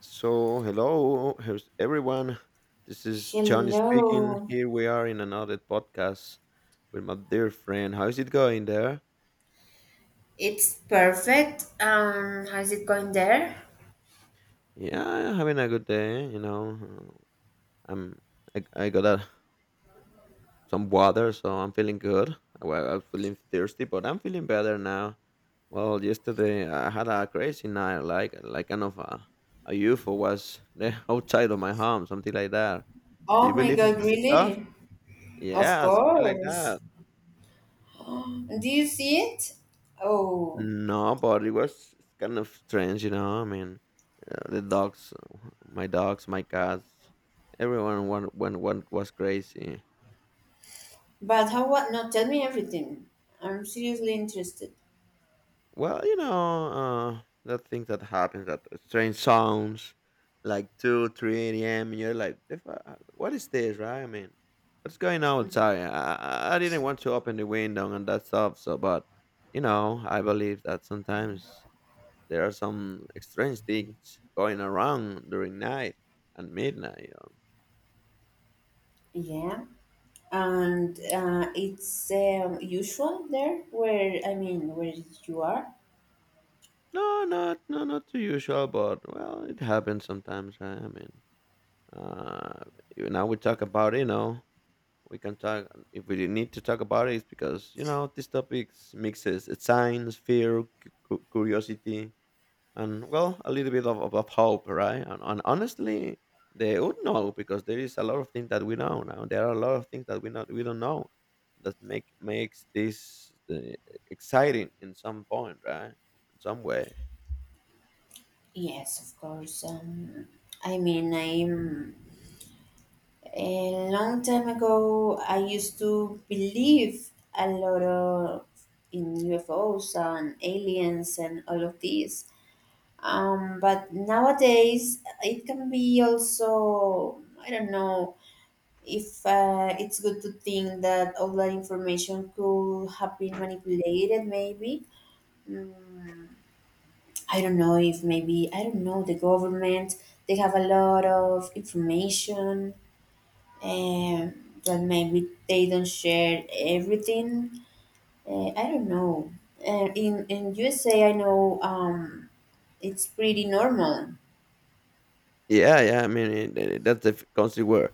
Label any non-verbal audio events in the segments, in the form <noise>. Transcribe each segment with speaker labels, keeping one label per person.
Speaker 1: Hello, here's everyone. This is Johnny speaking.
Speaker 2: Hello.
Speaker 1: Here we are in another podcast with my dear friend. How's it going there?
Speaker 2: It's perfect. How's it going there?
Speaker 1: Yeah, having a good day. I'm I got some water, so I'm feeling good. Well, I'm feeling thirsty, but I'm feeling better now. Well, yesterday I had a crazy night, like kind of a UFO was there <laughs> outside of my home, something like that. Do
Speaker 2: Oh
Speaker 1: you
Speaker 2: my
Speaker 1: believe in
Speaker 2: god,
Speaker 1: this stuff?
Speaker 2: really? Of
Speaker 1: Yeah, something like
Speaker 2: course.
Speaker 1: that.
Speaker 2: Do you see it? Oh,
Speaker 1: No, but it was kind of strange, you know. The dogs, my cats, everyone one one one was crazy.
Speaker 2: but how what? No, tell me everything. I'm seriously interested.
Speaker 1: Well, that thing that happens, that strange sounds, like two, three a.m. You're like, " What is this, right? I mean, what's going on outside? I didn't want to open the window and that stuff. So, but you know, I believe that sometimes there are some strange things going around during night and midnight.
Speaker 2: Yeah. And it's usual there, where, I mean, where you are?
Speaker 1: No, not too usual, but well, it happens sometimes, right? Uh, Now we talk about it, you know. We can talk if we need to talk about it. It's because you know these topics mixes it's science, fear, curiosity, and well, a little bit of hope, right? And honestly, they would know because there is a lot of things that we know now. There are a lot of things that we don't know that makes this exciting in some point, right? In some way.
Speaker 2: Yes, of course. I mean, I'm a long time ago, I used to believe a lot of in UFOs and aliens and all of these. But nowadays, it can be also, I don't know if it's good to think that all that information could have been manipulated. Maybe. Mm, I don't know if, maybe I don't know, the government. They have a lot of information uh, that maybe they don't share everything. I don't know. In USA, I know it's pretty normal.
Speaker 1: Yeah, yeah. I mean, that's the country where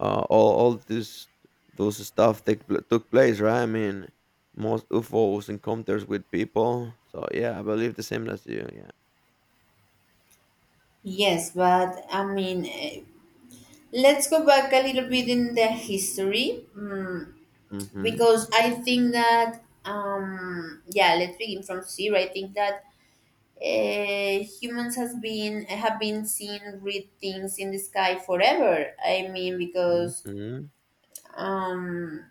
Speaker 1: all this those stuff took place, right? I mean, most UFOs encounters with people. So yeah, I believe the same as you. Yeah.
Speaker 2: Yes, but I mean, let's go back a little bit in the history,
Speaker 1: Mm-hmm.
Speaker 2: because I think that, yeah, let's begin from zero. I think that humans has been have been seeing red things in the sky forever. I mean, because
Speaker 1: Mm-hmm.
Speaker 2: um,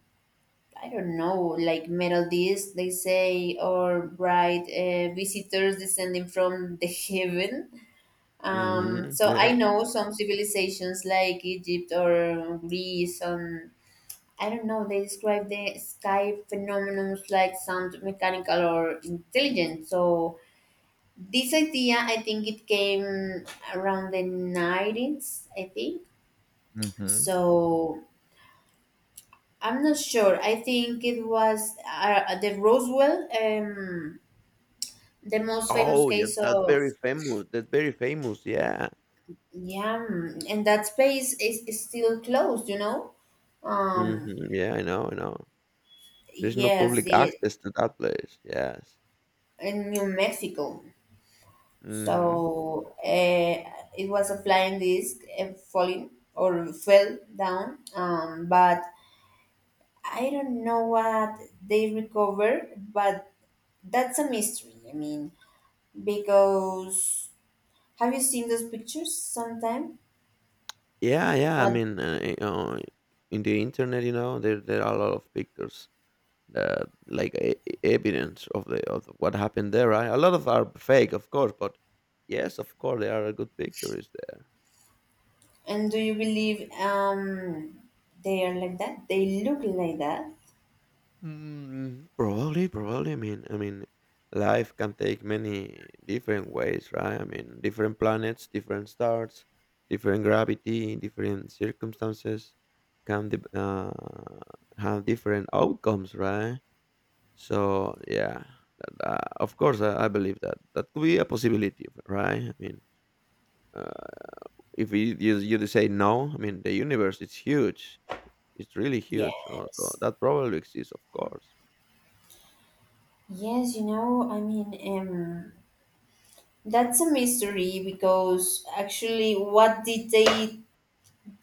Speaker 2: I don't know, like metal discs, they say, or bright visitors descending from the <laughs> heaven.
Speaker 1: Mm-hmm.
Speaker 2: So
Speaker 1: Yeah.
Speaker 2: I know some civilizations like Egypt or Greece, and I don't know, they describe the sky phenomena like sound mechanical or intelligent. So this idea, I think it came around the 90s, I think.
Speaker 1: Mhm.
Speaker 2: So I'm not sure. I think it was the Roswell. The most famous
Speaker 1: Oh, yeah,
Speaker 2: case
Speaker 1: that's
Speaker 2: of,
Speaker 1: very famous. That's very famous, yeah.
Speaker 2: yeah. And that space is still closed, you know. um
Speaker 1: Mhm, yeah, I know, I know. There's no
Speaker 2: yes,
Speaker 1: public
Speaker 2: it
Speaker 1: access to that place, yes.
Speaker 2: in New Mexico.
Speaker 1: Mhm.
Speaker 2: So it was a flying disc and falling or fell down, but I don't know what they recovered, but that's a mystery. I mean, because have you seen those pictures sometime?
Speaker 1: Yeah, yeah, I
Speaker 2: What?
Speaker 1: mean, in the internet, you know, there are a lot of pictures that like e e evidence of the of what happened there, right? A lot of are fake, of course, but yes, of course, there are good pictures there.
Speaker 2: And do you believe they are like that? They look like that?
Speaker 1: Mm, probably, probably. I mean, life can take many different ways, right? I mean, different planets, different stars, different gravity, different circumstances can de- uh, have different outcomes, right? So yeah, of course, I believe that that could be a possibility, right? I mean, uh, if you say no, I mean, the universe is huge. It's really huge, right? So
Speaker 2: Yes.
Speaker 1: that probably exists, of course.
Speaker 2: Yes, you know, I mean, um that's a mystery because actually what did they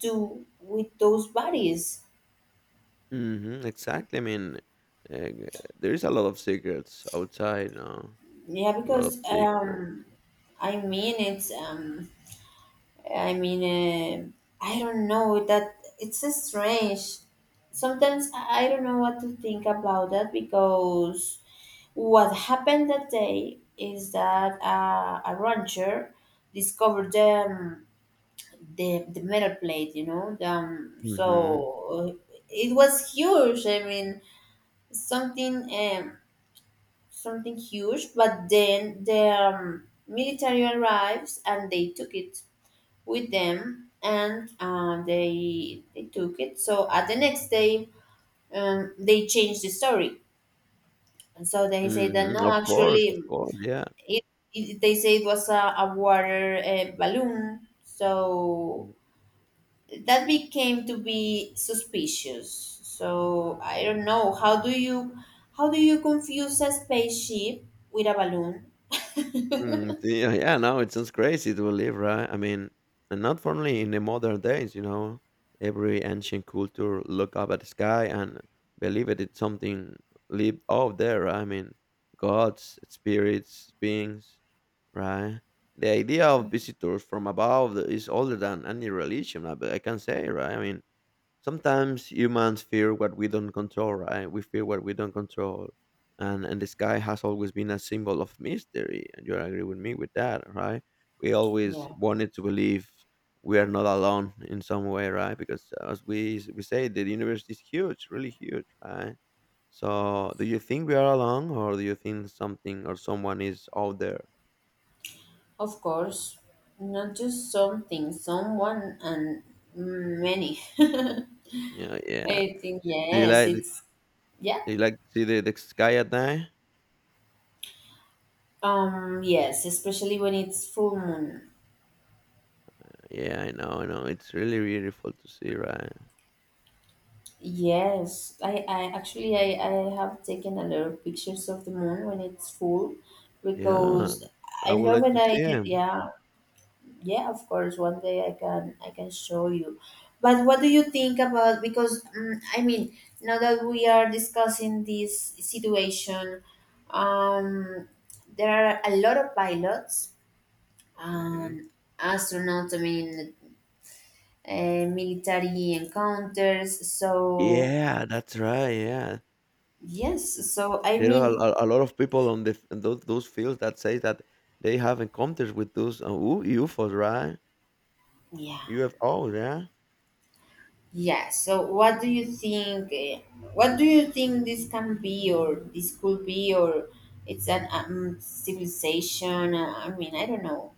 Speaker 2: do with those bodies?
Speaker 1: Mhm, exactly. Uh, there is a lot of secrets outside, no?
Speaker 2: Yeah,
Speaker 1: A lot of
Speaker 2: because
Speaker 1: secrets.
Speaker 2: I mean it's I mean, um I don't know that it's so strange. Sometimes I don't know what to think about that because what happened that day is that a rancher discovered the metal plate, you know.
Speaker 1: Mhm,
Speaker 2: It was huge. I mean, something something huge. But then the military arrives and they took it with them, and they took it. So at the next day, they changed the story. And so they say that,
Speaker 1: mhm.
Speaker 2: no,
Speaker 1: Of
Speaker 2: actually
Speaker 1: course, yeah.
Speaker 2: it, they say it was a water balloon, so
Speaker 1: Mm.
Speaker 2: that became to be suspicious. So I don't know, how do you, how do you confuse a spaceship with a balloon?
Speaker 1: Mm, yeah, no, it sounds crazy to believe, right? I mean, and not only in the modern days, you know, every ancient culture look up at the sky and believe it's something lived out there. Right? I mean, gods, spirits, beings, right? The idea of visitors from above is older than any religion, I can say, right? I mean, sometimes humans fear what we don't control, right? We fear what we don't control, and the sky has always been a symbol of mystery, and you agree with me with that, right? We always
Speaker 2: Yeah,
Speaker 1: wanted to believe we are not alone in some way, right? Because as we say, the universe is huge, really huge, right? So do you think we are alone, or do you think something or someone is out there?
Speaker 2: of course. Not just something, someone, and many. <laughs>
Speaker 1: Yeah, yeah.
Speaker 2: I think
Speaker 1: do you
Speaker 2: yes,
Speaker 1: like
Speaker 2: it's yeah.
Speaker 1: do you like to see the sky at night?
Speaker 2: Yes, especially when it's full moon.
Speaker 1: Yeah, I know, I know, it's really beautiful to see, right?
Speaker 2: Yes. I actually, I have taken a lot of pictures of the moon when it's full
Speaker 1: Yeah,
Speaker 2: because
Speaker 1: I
Speaker 2: I
Speaker 1: would
Speaker 2: love
Speaker 1: like
Speaker 2: it.
Speaker 1: to see
Speaker 2: I
Speaker 1: him.
Speaker 2: Yeah, yeah, of course, one day I can show you. But what do you think about, because I mean, now that we are discussing this situation, um there are a lot of pilots
Speaker 1: Mhm.
Speaker 2: and astronauts, I mean, military encounters. So,
Speaker 1: Yeah, that's right, yeah.
Speaker 2: yes, so I
Speaker 1: There are
Speaker 2: mean,
Speaker 1: a lot of people on the f on those fields that say that they have encounters with those, U UFOs, right?
Speaker 2: yeah,
Speaker 1: UFOs, yeah.
Speaker 2: yeah. So, what do you think? What do you think this can be, or this could be, or it's an civilization? I mean, I don't know.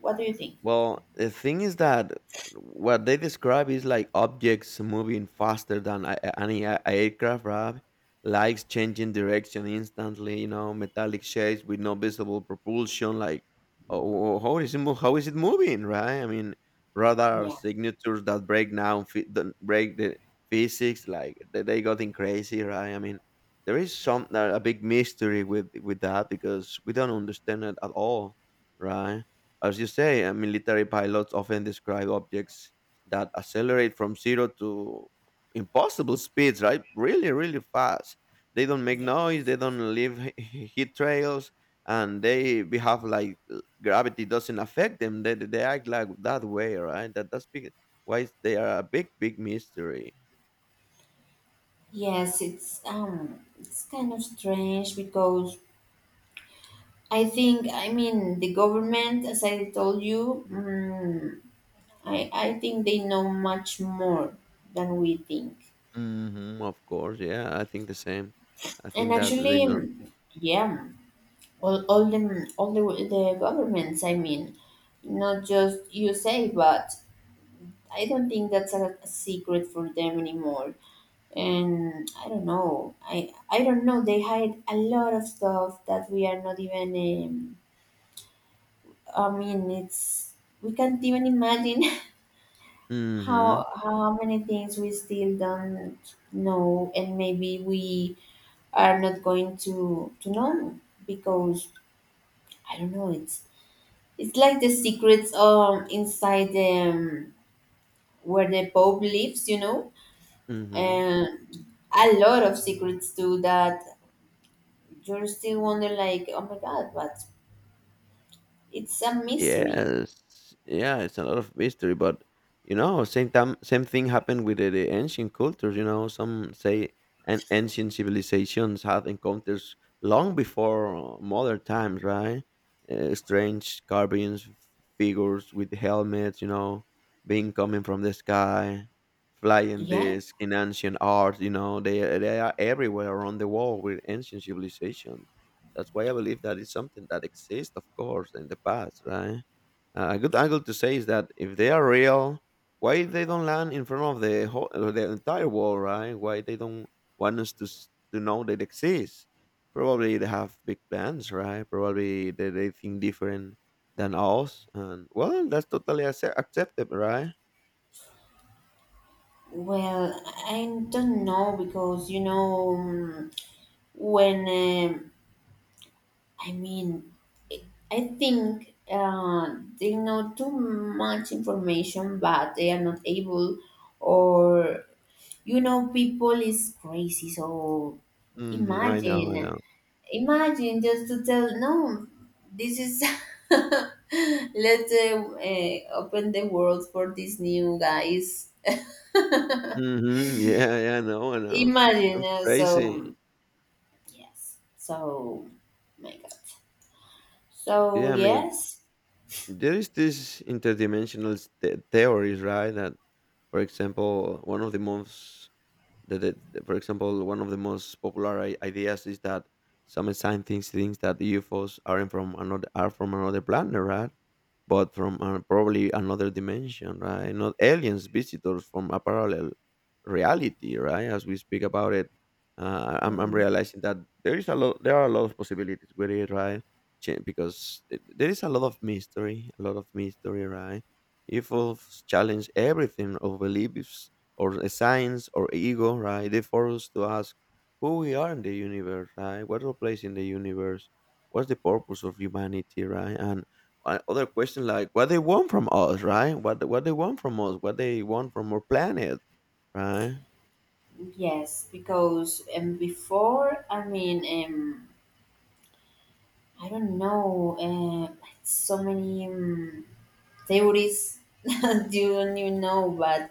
Speaker 2: What do you think?
Speaker 1: Well, the thing is that what they describe is like objects moving faster than any aircraft, right? Lights changing direction instantly, you know, metallic shapes with no visible propulsion. Like, How is it moving, right? I mean, radar
Speaker 2: Yeah,
Speaker 1: signatures that break down, that break the physics. Like, they getting crazy, right? I mean, there is some a big mystery with that because we don't understand it at all, right? As you say, military pilots often describe objects that accelerate from zero to impossible speeds, right? Really, really fast. They don't make
Speaker 2: yeah.
Speaker 1: noise, they don't leave <laughs> heat trails, and they behave like gravity doesn't affect them. They act like that way, right? That's big, why they are a big, big mystery.
Speaker 2: Yes, it's kind of strange because I think, I mean, the government, as I told you, I think they know much more than we think.
Speaker 1: Hmm. Of course, yeah, I think the same. I
Speaker 2: And
Speaker 1: think that they
Speaker 2: actually,
Speaker 1: not.
Speaker 2: yeah, all the governments. I mean, not just USA, but I don't think that's a secret for them anymore. And I don't know. I don't know. They hide a lot of stuff that we are not even. I mean, it's, we can't even imagine <laughs> how
Speaker 1: Mm-hmm.
Speaker 2: how many things we still don't know, and maybe we are not going to know because I don't know, it's like the secrets inside the, where the pope lives, you know.
Speaker 1: Mm-hmm.
Speaker 2: And a lot of secrets too, that you're still wonder, like, oh my god, but it's a mystery.
Speaker 1: Yes. Yeah, it's a lot of mystery, but you know, same time, same thing happened with the ancient cultures. You know, some say and ancient civilizations had encounters long before modern times, right? Strange carvings, figures with helmets, you know, being coming from the sky, flying
Speaker 2: Yeah.
Speaker 1: disc in ancient art. You know, they are everywhere around the world with ancient civilizations. That's why I believe that it's something that exists, of course, in the past, right? A good angle to say is that if they are real, why they don't land in front of the whole, the entire world, right? Why they don't want us to know they exist? Probably they have big plans, right? Probably they think different than us, and well, that's totally acceptable, right?
Speaker 2: Well, I don't know because, you know, when, I mean, I I think they know too much information, but they are not able, or, you know, people is crazy. So
Speaker 1: Mm-hmm, I know, I
Speaker 2: imagine,
Speaker 1: know.
Speaker 2: imagine just to tell, no, this is <laughs> let's open the world for these new guys.
Speaker 1: Mm-hmm, <laughs> yeah, yeah, I know, I know.
Speaker 2: Imagine
Speaker 1: Sounds crazy.
Speaker 2: so, yes, so my God, so
Speaker 1: Yeah, I mean,
Speaker 2: yes.
Speaker 1: there is this interdimensional theories, right? That, for example, one of the most for example, one of the most popular ideas is that some scientists think that UFOs aren't from another are from another planet, right? But from probably another dimension, right? Not aliens, visitors from a parallel reality, right? As we speak about it, I'm
Speaker 2: Mm-hmm.
Speaker 1: realizing that there is a lot, there are a lot of possibilities with it, right? Because there is a lot of mystery, a lot of mystery, right? UFOs challenge everything of beliefs or a science or ego, right? They force us to ask who we are in the universe, right? What's our place in the universe? What's the purpose of humanity, right? And other questions like what they want from us, right? What they want from us, what they want from our planet, right?
Speaker 2: Yes, because before, I mean, I don't know, so many theories <laughs> that you don't even know, but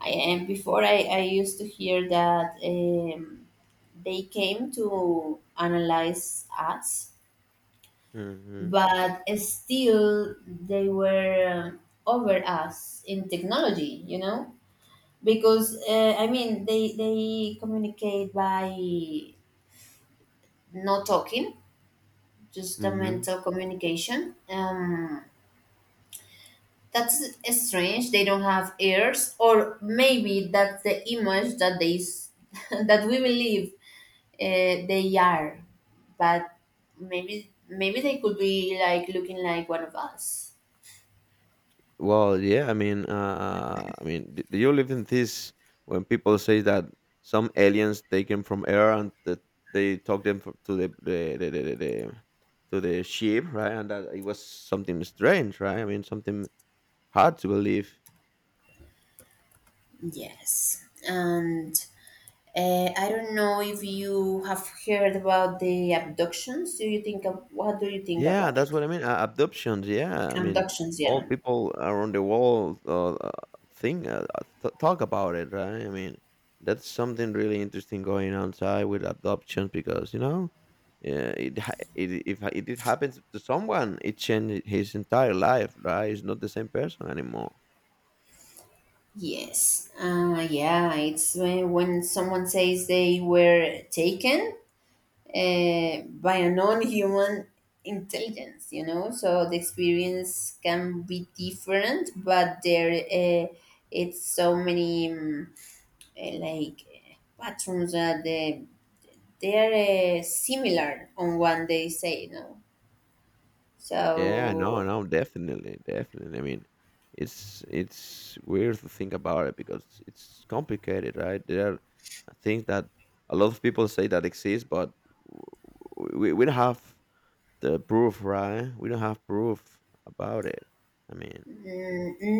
Speaker 2: I before I used to hear that they came to analyze us,
Speaker 1: Mm-hmm.
Speaker 2: but still they were over us in technology, you know? Because, I mean, they communicate by not talking.
Speaker 1: Mm-hmm.
Speaker 2: Justamental communication. That's strange. They don't have ears, or maybe that's the image that <laughs> that we believe they are. But maybe, maybe they could be like looking like one of us.
Speaker 1: Well, yeah, I mean, do you live in this when people say that some aliens take them from air and that they talk them to the to the ship, right? And that it was something strange, right? I mean, something hard to believe.
Speaker 2: Yes, and I don't know if you have heard about the abductions. Do you think of, what do you think
Speaker 1: Yeah,
Speaker 2: about
Speaker 1: that's
Speaker 2: it?
Speaker 1: what I mean. Abductions. Yeah, I mean,
Speaker 2: Abductions,
Speaker 1: all
Speaker 2: yeah.
Speaker 1: people around the world talk about it, right? I mean, that's something really interesting going on side with abductions because you know, yeah, it, ha- it if ha- it happens to someone, it changes his entire life, right? It's not the same person anymore.
Speaker 2: Yes. Yeah, it's when someone says they were taken by a non human intelligence, you know? So the experience can be different, but there it's so many like patterns that they're similar on what they say, no?
Speaker 1: Yeah, no,
Speaker 2: So,
Speaker 1: no, definitely, definitely. I mean, it's weird to think about it because it's complicated, right? There are things that a lot of people say that exist, but we don't have the proof, right? We don't have proof about it. I mean,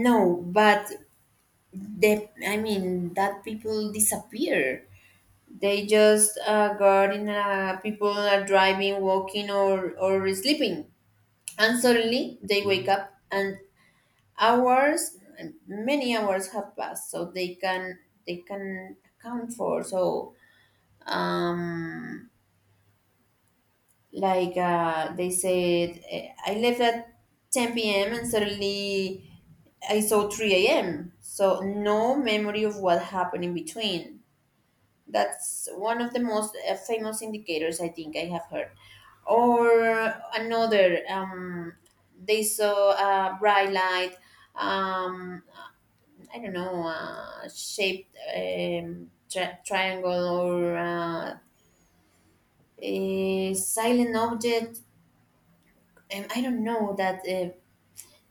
Speaker 2: no, but the, I mean, that people disappear. They just got in. People are driving, walking, or sleeping, and suddenly they
Speaker 1: mm-hmm.
Speaker 2: wake up, and hours, many hours have passed, so they can, they can account for. So, um, like they said, I left at 10 p.m. and suddenly I saw 3 a.m. So no memory of what happened in between. That's one of the most famous indicators I think I have heard. Or another they saw a bright light, um I don't know shaped tri- triangle or a silent object, I don't know, that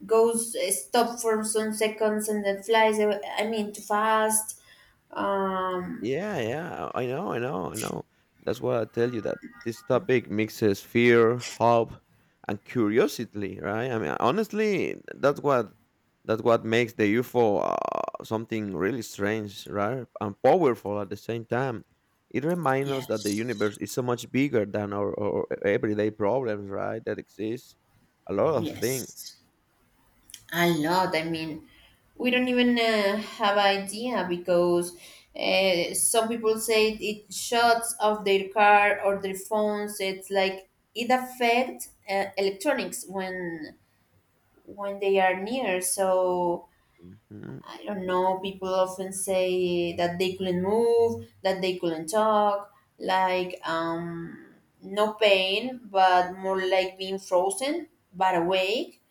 Speaker 2: goes stop for some seconds and then flies away. I mean, too fast. um
Speaker 1: Yeah, yeah. I know, I know, I know. That's what I tell you that this topic mixes fear, hope, and curiosity, right? I mean, honestly, that's what makes the UFO something really strange, right? And powerful at the same time. It reminds us that the
Speaker 2: Yes.
Speaker 1: universe is so much bigger than our everyday problems, right? That exists a lot of things.
Speaker 2: Yes. A lot. I mean, we don't even have idea because some people say it shuts off their car or their phones. It's like it affects electronics when they are near. So
Speaker 1: Mm-hmm.
Speaker 2: I don't know. People often say that they couldn't move, that they couldn't talk, like no pain, but more like being frozen but awake,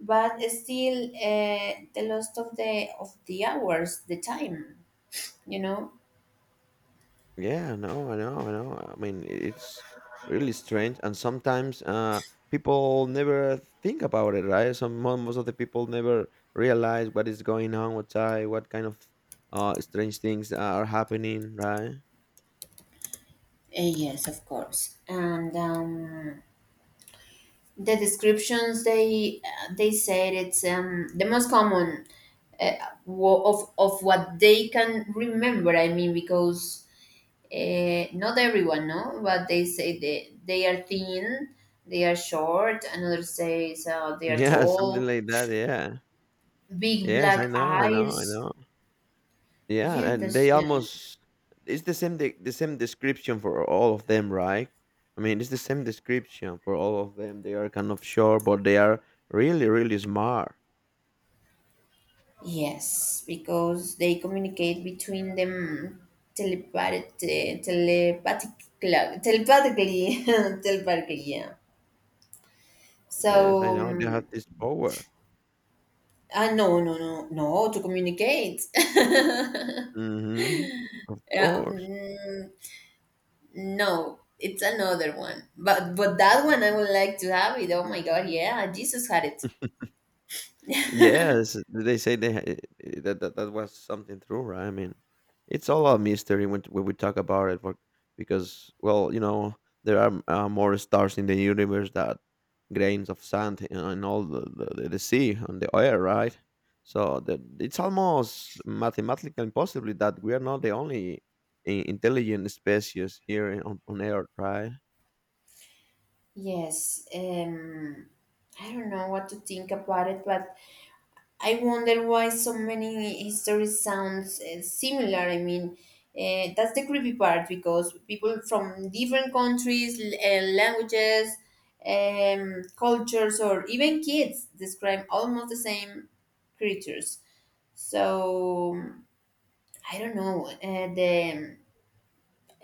Speaker 2: but still the lost of the hours, the time, you know.
Speaker 1: Yeah, no, I know, I know. I mean, it's really strange, and sometimes people never think about it, right? Some most of the people never realize what is going on outside, what kind of strange things are happening, right?
Speaker 2: Yes, of course, and the descriptions they said it's the most common, uh, of what they can remember. I mean because not everyone know, but they say they are thin, they are short, another says they
Speaker 1: <laughs>
Speaker 2: are
Speaker 1: Yeah, something
Speaker 2: tall,
Speaker 1: like that. Yeah.
Speaker 2: big
Speaker 1: Yes, I
Speaker 2: black
Speaker 1: know, I know, I
Speaker 2: eyes.
Speaker 1: know. Yeah,
Speaker 2: Yeah,
Speaker 1: and they
Speaker 2: that's yeah.
Speaker 1: almost it's the the same description for all of them, right? I mean, it's the same description for all of them. They are kind of short, but they are really, really smart.
Speaker 2: Yes, because they communicate between them telepath- telepathically, <laughs> telepathically, yeah.
Speaker 1: Yes, I
Speaker 2: So,
Speaker 1: know, they have this power.
Speaker 2: no, no, no, no, to communicate. <laughs>
Speaker 1: Mhm. Of
Speaker 2: Uh,
Speaker 1: course.
Speaker 2: mm, no, it's another one. But that one I would like to have it. Oh my God, yeah, Jesus had it.
Speaker 1: Yes, they say they ha eh, that that that was something true, right? I mean, it's all a mystery when we talk about it for because, well, you know, there are, more stars in the universe that grains of sand and all the sea and the air, right? So that it's almost mathematically impossible that we are not the only I intelligent species here on Earth, right?
Speaker 2: Yes, I don't know what to think about it, but I wonder why so many histories sounds similar. I mean, that's the creepy part because people from different countries, languages, cultures, or even kids describe almost the same creatures. So I don't know. The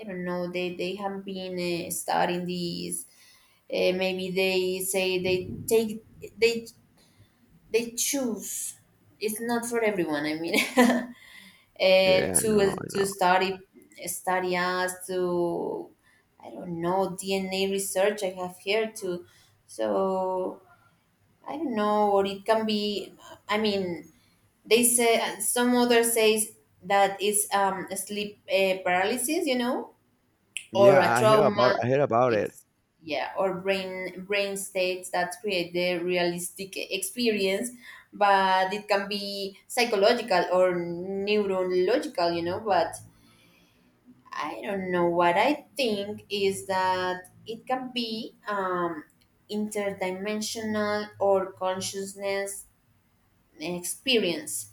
Speaker 2: I don't know. They have been studying these, maybe they say they take, they they choose. It's not for everyone. I mean <laughs>
Speaker 1: Yeah, I know, I
Speaker 2: to
Speaker 1: know.
Speaker 2: study, study us to, I don't know, DNA research I have here too. So I don't know, or it can be, I mean, they say, some other says that it's sleep paralysis, you know, or
Speaker 1: Yeah,
Speaker 2: a trauma
Speaker 1: I hear about it.
Speaker 2: ex- yeah, or brain states that create the realistic experience. But it can be psychological or neurological, you know, but I don't know, what I think is that it can be interdimensional or consciousness experience,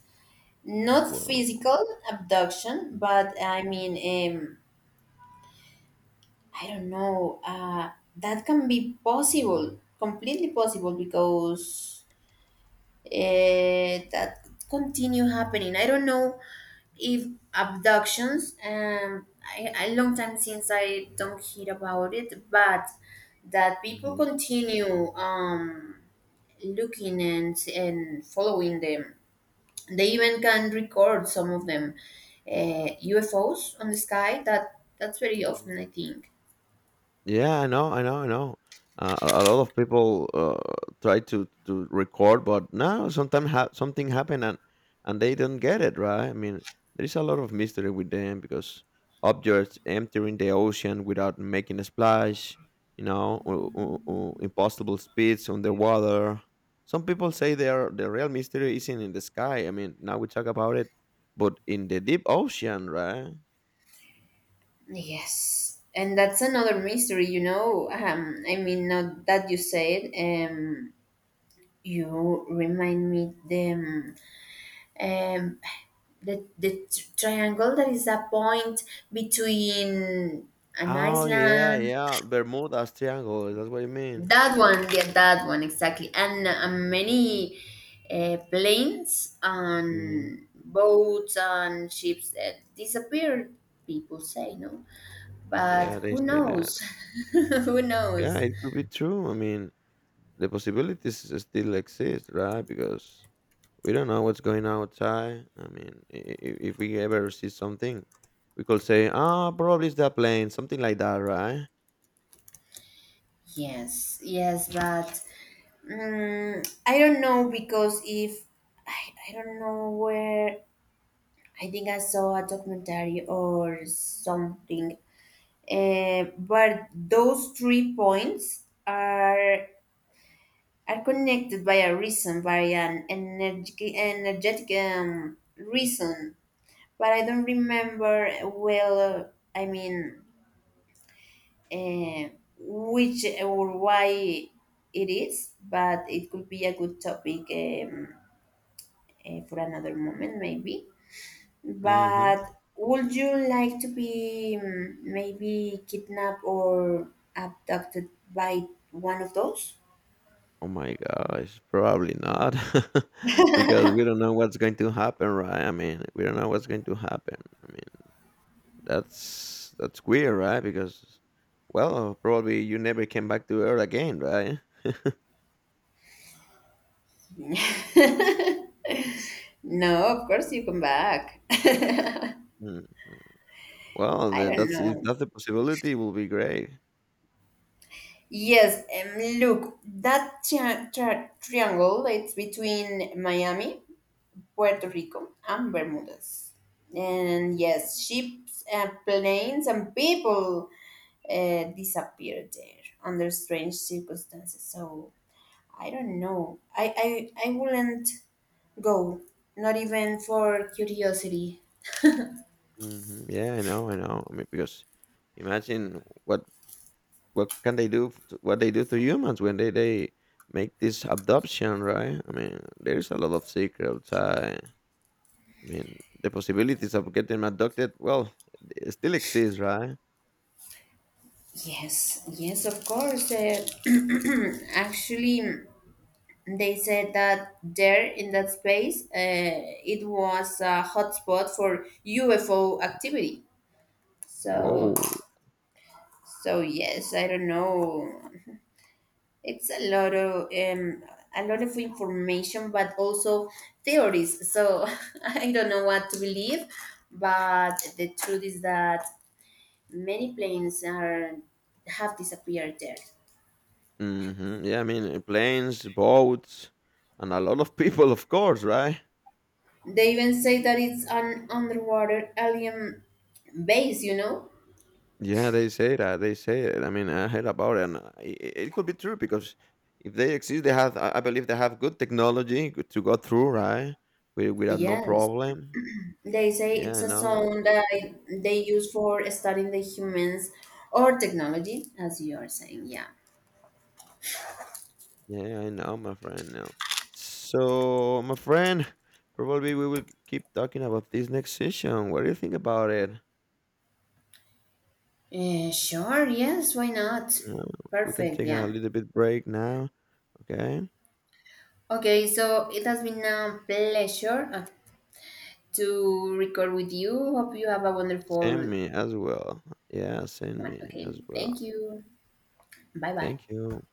Speaker 2: not
Speaker 1: Wow.
Speaker 2: physical abduction. But I mean, I don't know. That can be possible, completely possible, because that continue happening. I don't know if abductions. I, a long time since I don't hear about it, but that people
Speaker 1: Mhm.
Speaker 2: continue looking and following them. They even can record some of them, UFOs on the sky. That, that's very
Speaker 1: Mhm.
Speaker 2: often, I think.
Speaker 1: Yeah, I know, I know, I know. A lot of people try to record, but no, sometimes something happen and they don't get it right. I mean, there is a lot of mystery with them because objects entering the ocean without making a splash, you know, impossible speeds underwater. Some people say they are the real mystery isn't in the sky. I mean, now we talk about it, but in the deep ocean, right?
Speaker 2: Yes, and that's another mystery, you know. I mean, now that you said, you remind me um, the triangle that is a point between an
Speaker 1: Oh, yeah,
Speaker 2: island.
Speaker 1: yeah, Bermuda's Triangle, that's what you mean.
Speaker 2: That one, yeah, that one exactly, and many planes
Speaker 1: Mhm.
Speaker 2: and boats and ships that disappeared. People say, no, but
Speaker 1: Yeah, they
Speaker 2: who
Speaker 1: say that.
Speaker 2: knows? <laughs> Who
Speaker 1: Yeah,
Speaker 2: knows?
Speaker 1: it could be true, I mean, the possibilities s still exist, right? Because we don't know what's going on outside, I mean, I if we ever see something, we could say, "Ah, probably it's the plane," something like that, right?
Speaker 2: Yes, yes, but I don't know because if I don't know where, I think I saw a documentary or something, but those three points are connected by a reason, by an energetic, reason, but I don't remember, well, I mean, eh, which or why it is, but it could be a good topic, for another moment, maybe.
Speaker 1: Mhm.
Speaker 2: But would you like to be, maybe, kidnapped or abducted by one of those?
Speaker 1: Oh my gosh, probably not, <laughs> because we don't know what's going to happen, right? I mean, we don't know what's going to happen, I mean, that's that's weird, right? Because well, probably you never came back to Earth again, right?
Speaker 2: <laughs> No, of course you come back. <laughs>
Speaker 1: Mm. Well,
Speaker 2: I don't
Speaker 1: that's if
Speaker 2: know.
Speaker 1: that's the possibility, will be great.
Speaker 2: Yes, look, that triangle, it's between Miami, Puerto Rico, and Bermudas. And yes, ships and planes and people disappeared there under strange circumstances. So I don't know. I wouldn't go, not even for curiosity.
Speaker 1: Hmm, yeah, I know, I know. I mean, because imagine what can they do? What they do to humans when they make this abduction, right? I mean, there's a lot of secrets. I mean, the possibilities of getting abducted, well, it still exists, right?
Speaker 2: Yes, yes, of course. <clears throat> Actually, they said that there in that space, it was a hotspot for UFO activity. So,
Speaker 1: Whoa.
Speaker 2: so yes, I don't know. It's a lot of information, but also theories. So <laughs> I don't know what to believe. But the truth is that many planes are, have disappeared there.
Speaker 1: Mhm. Yeah, I mean, planes, boats, and a lot of people, of course, right?
Speaker 2: They even say that it's an underwater alien base, you know?
Speaker 1: Yeah, they say that. They say it. I mean, I heard about it, and it could be true because if they exist, they have. I believe they have good technology good to go through, right? Without no
Speaker 2: Yes.
Speaker 1: problem.
Speaker 2: They say
Speaker 1: Yeah,
Speaker 2: it's
Speaker 1: I
Speaker 2: a
Speaker 1: know.
Speaker 2: zone that they use for studying the humans or technology, as you are saying. Yeah.
Speaker 1: Yeah, I know, my friend. No. So, my friend, probably we will keep talking about this next session. What do you think about it?
Speaker 2: Sure, yes, why not?
Speaker 1: Uh, we can
Speaker 2: Perfect,
Speaker 1: take a
Speaker 2: yeah.
Speaker 1: little bit break now. Okay.
Speaker 2: Okay, so it has been a pleasure to record with you. Hope you have a wonderful
Speaker 1: Send me as well. Yeah, send
Speaker 2: one.
Speaker 1: me
Speaker 2: Okay,
Speaker 1: as well.
Speaker 2: thank you. Bye bye.
Speaker 1: Thank you.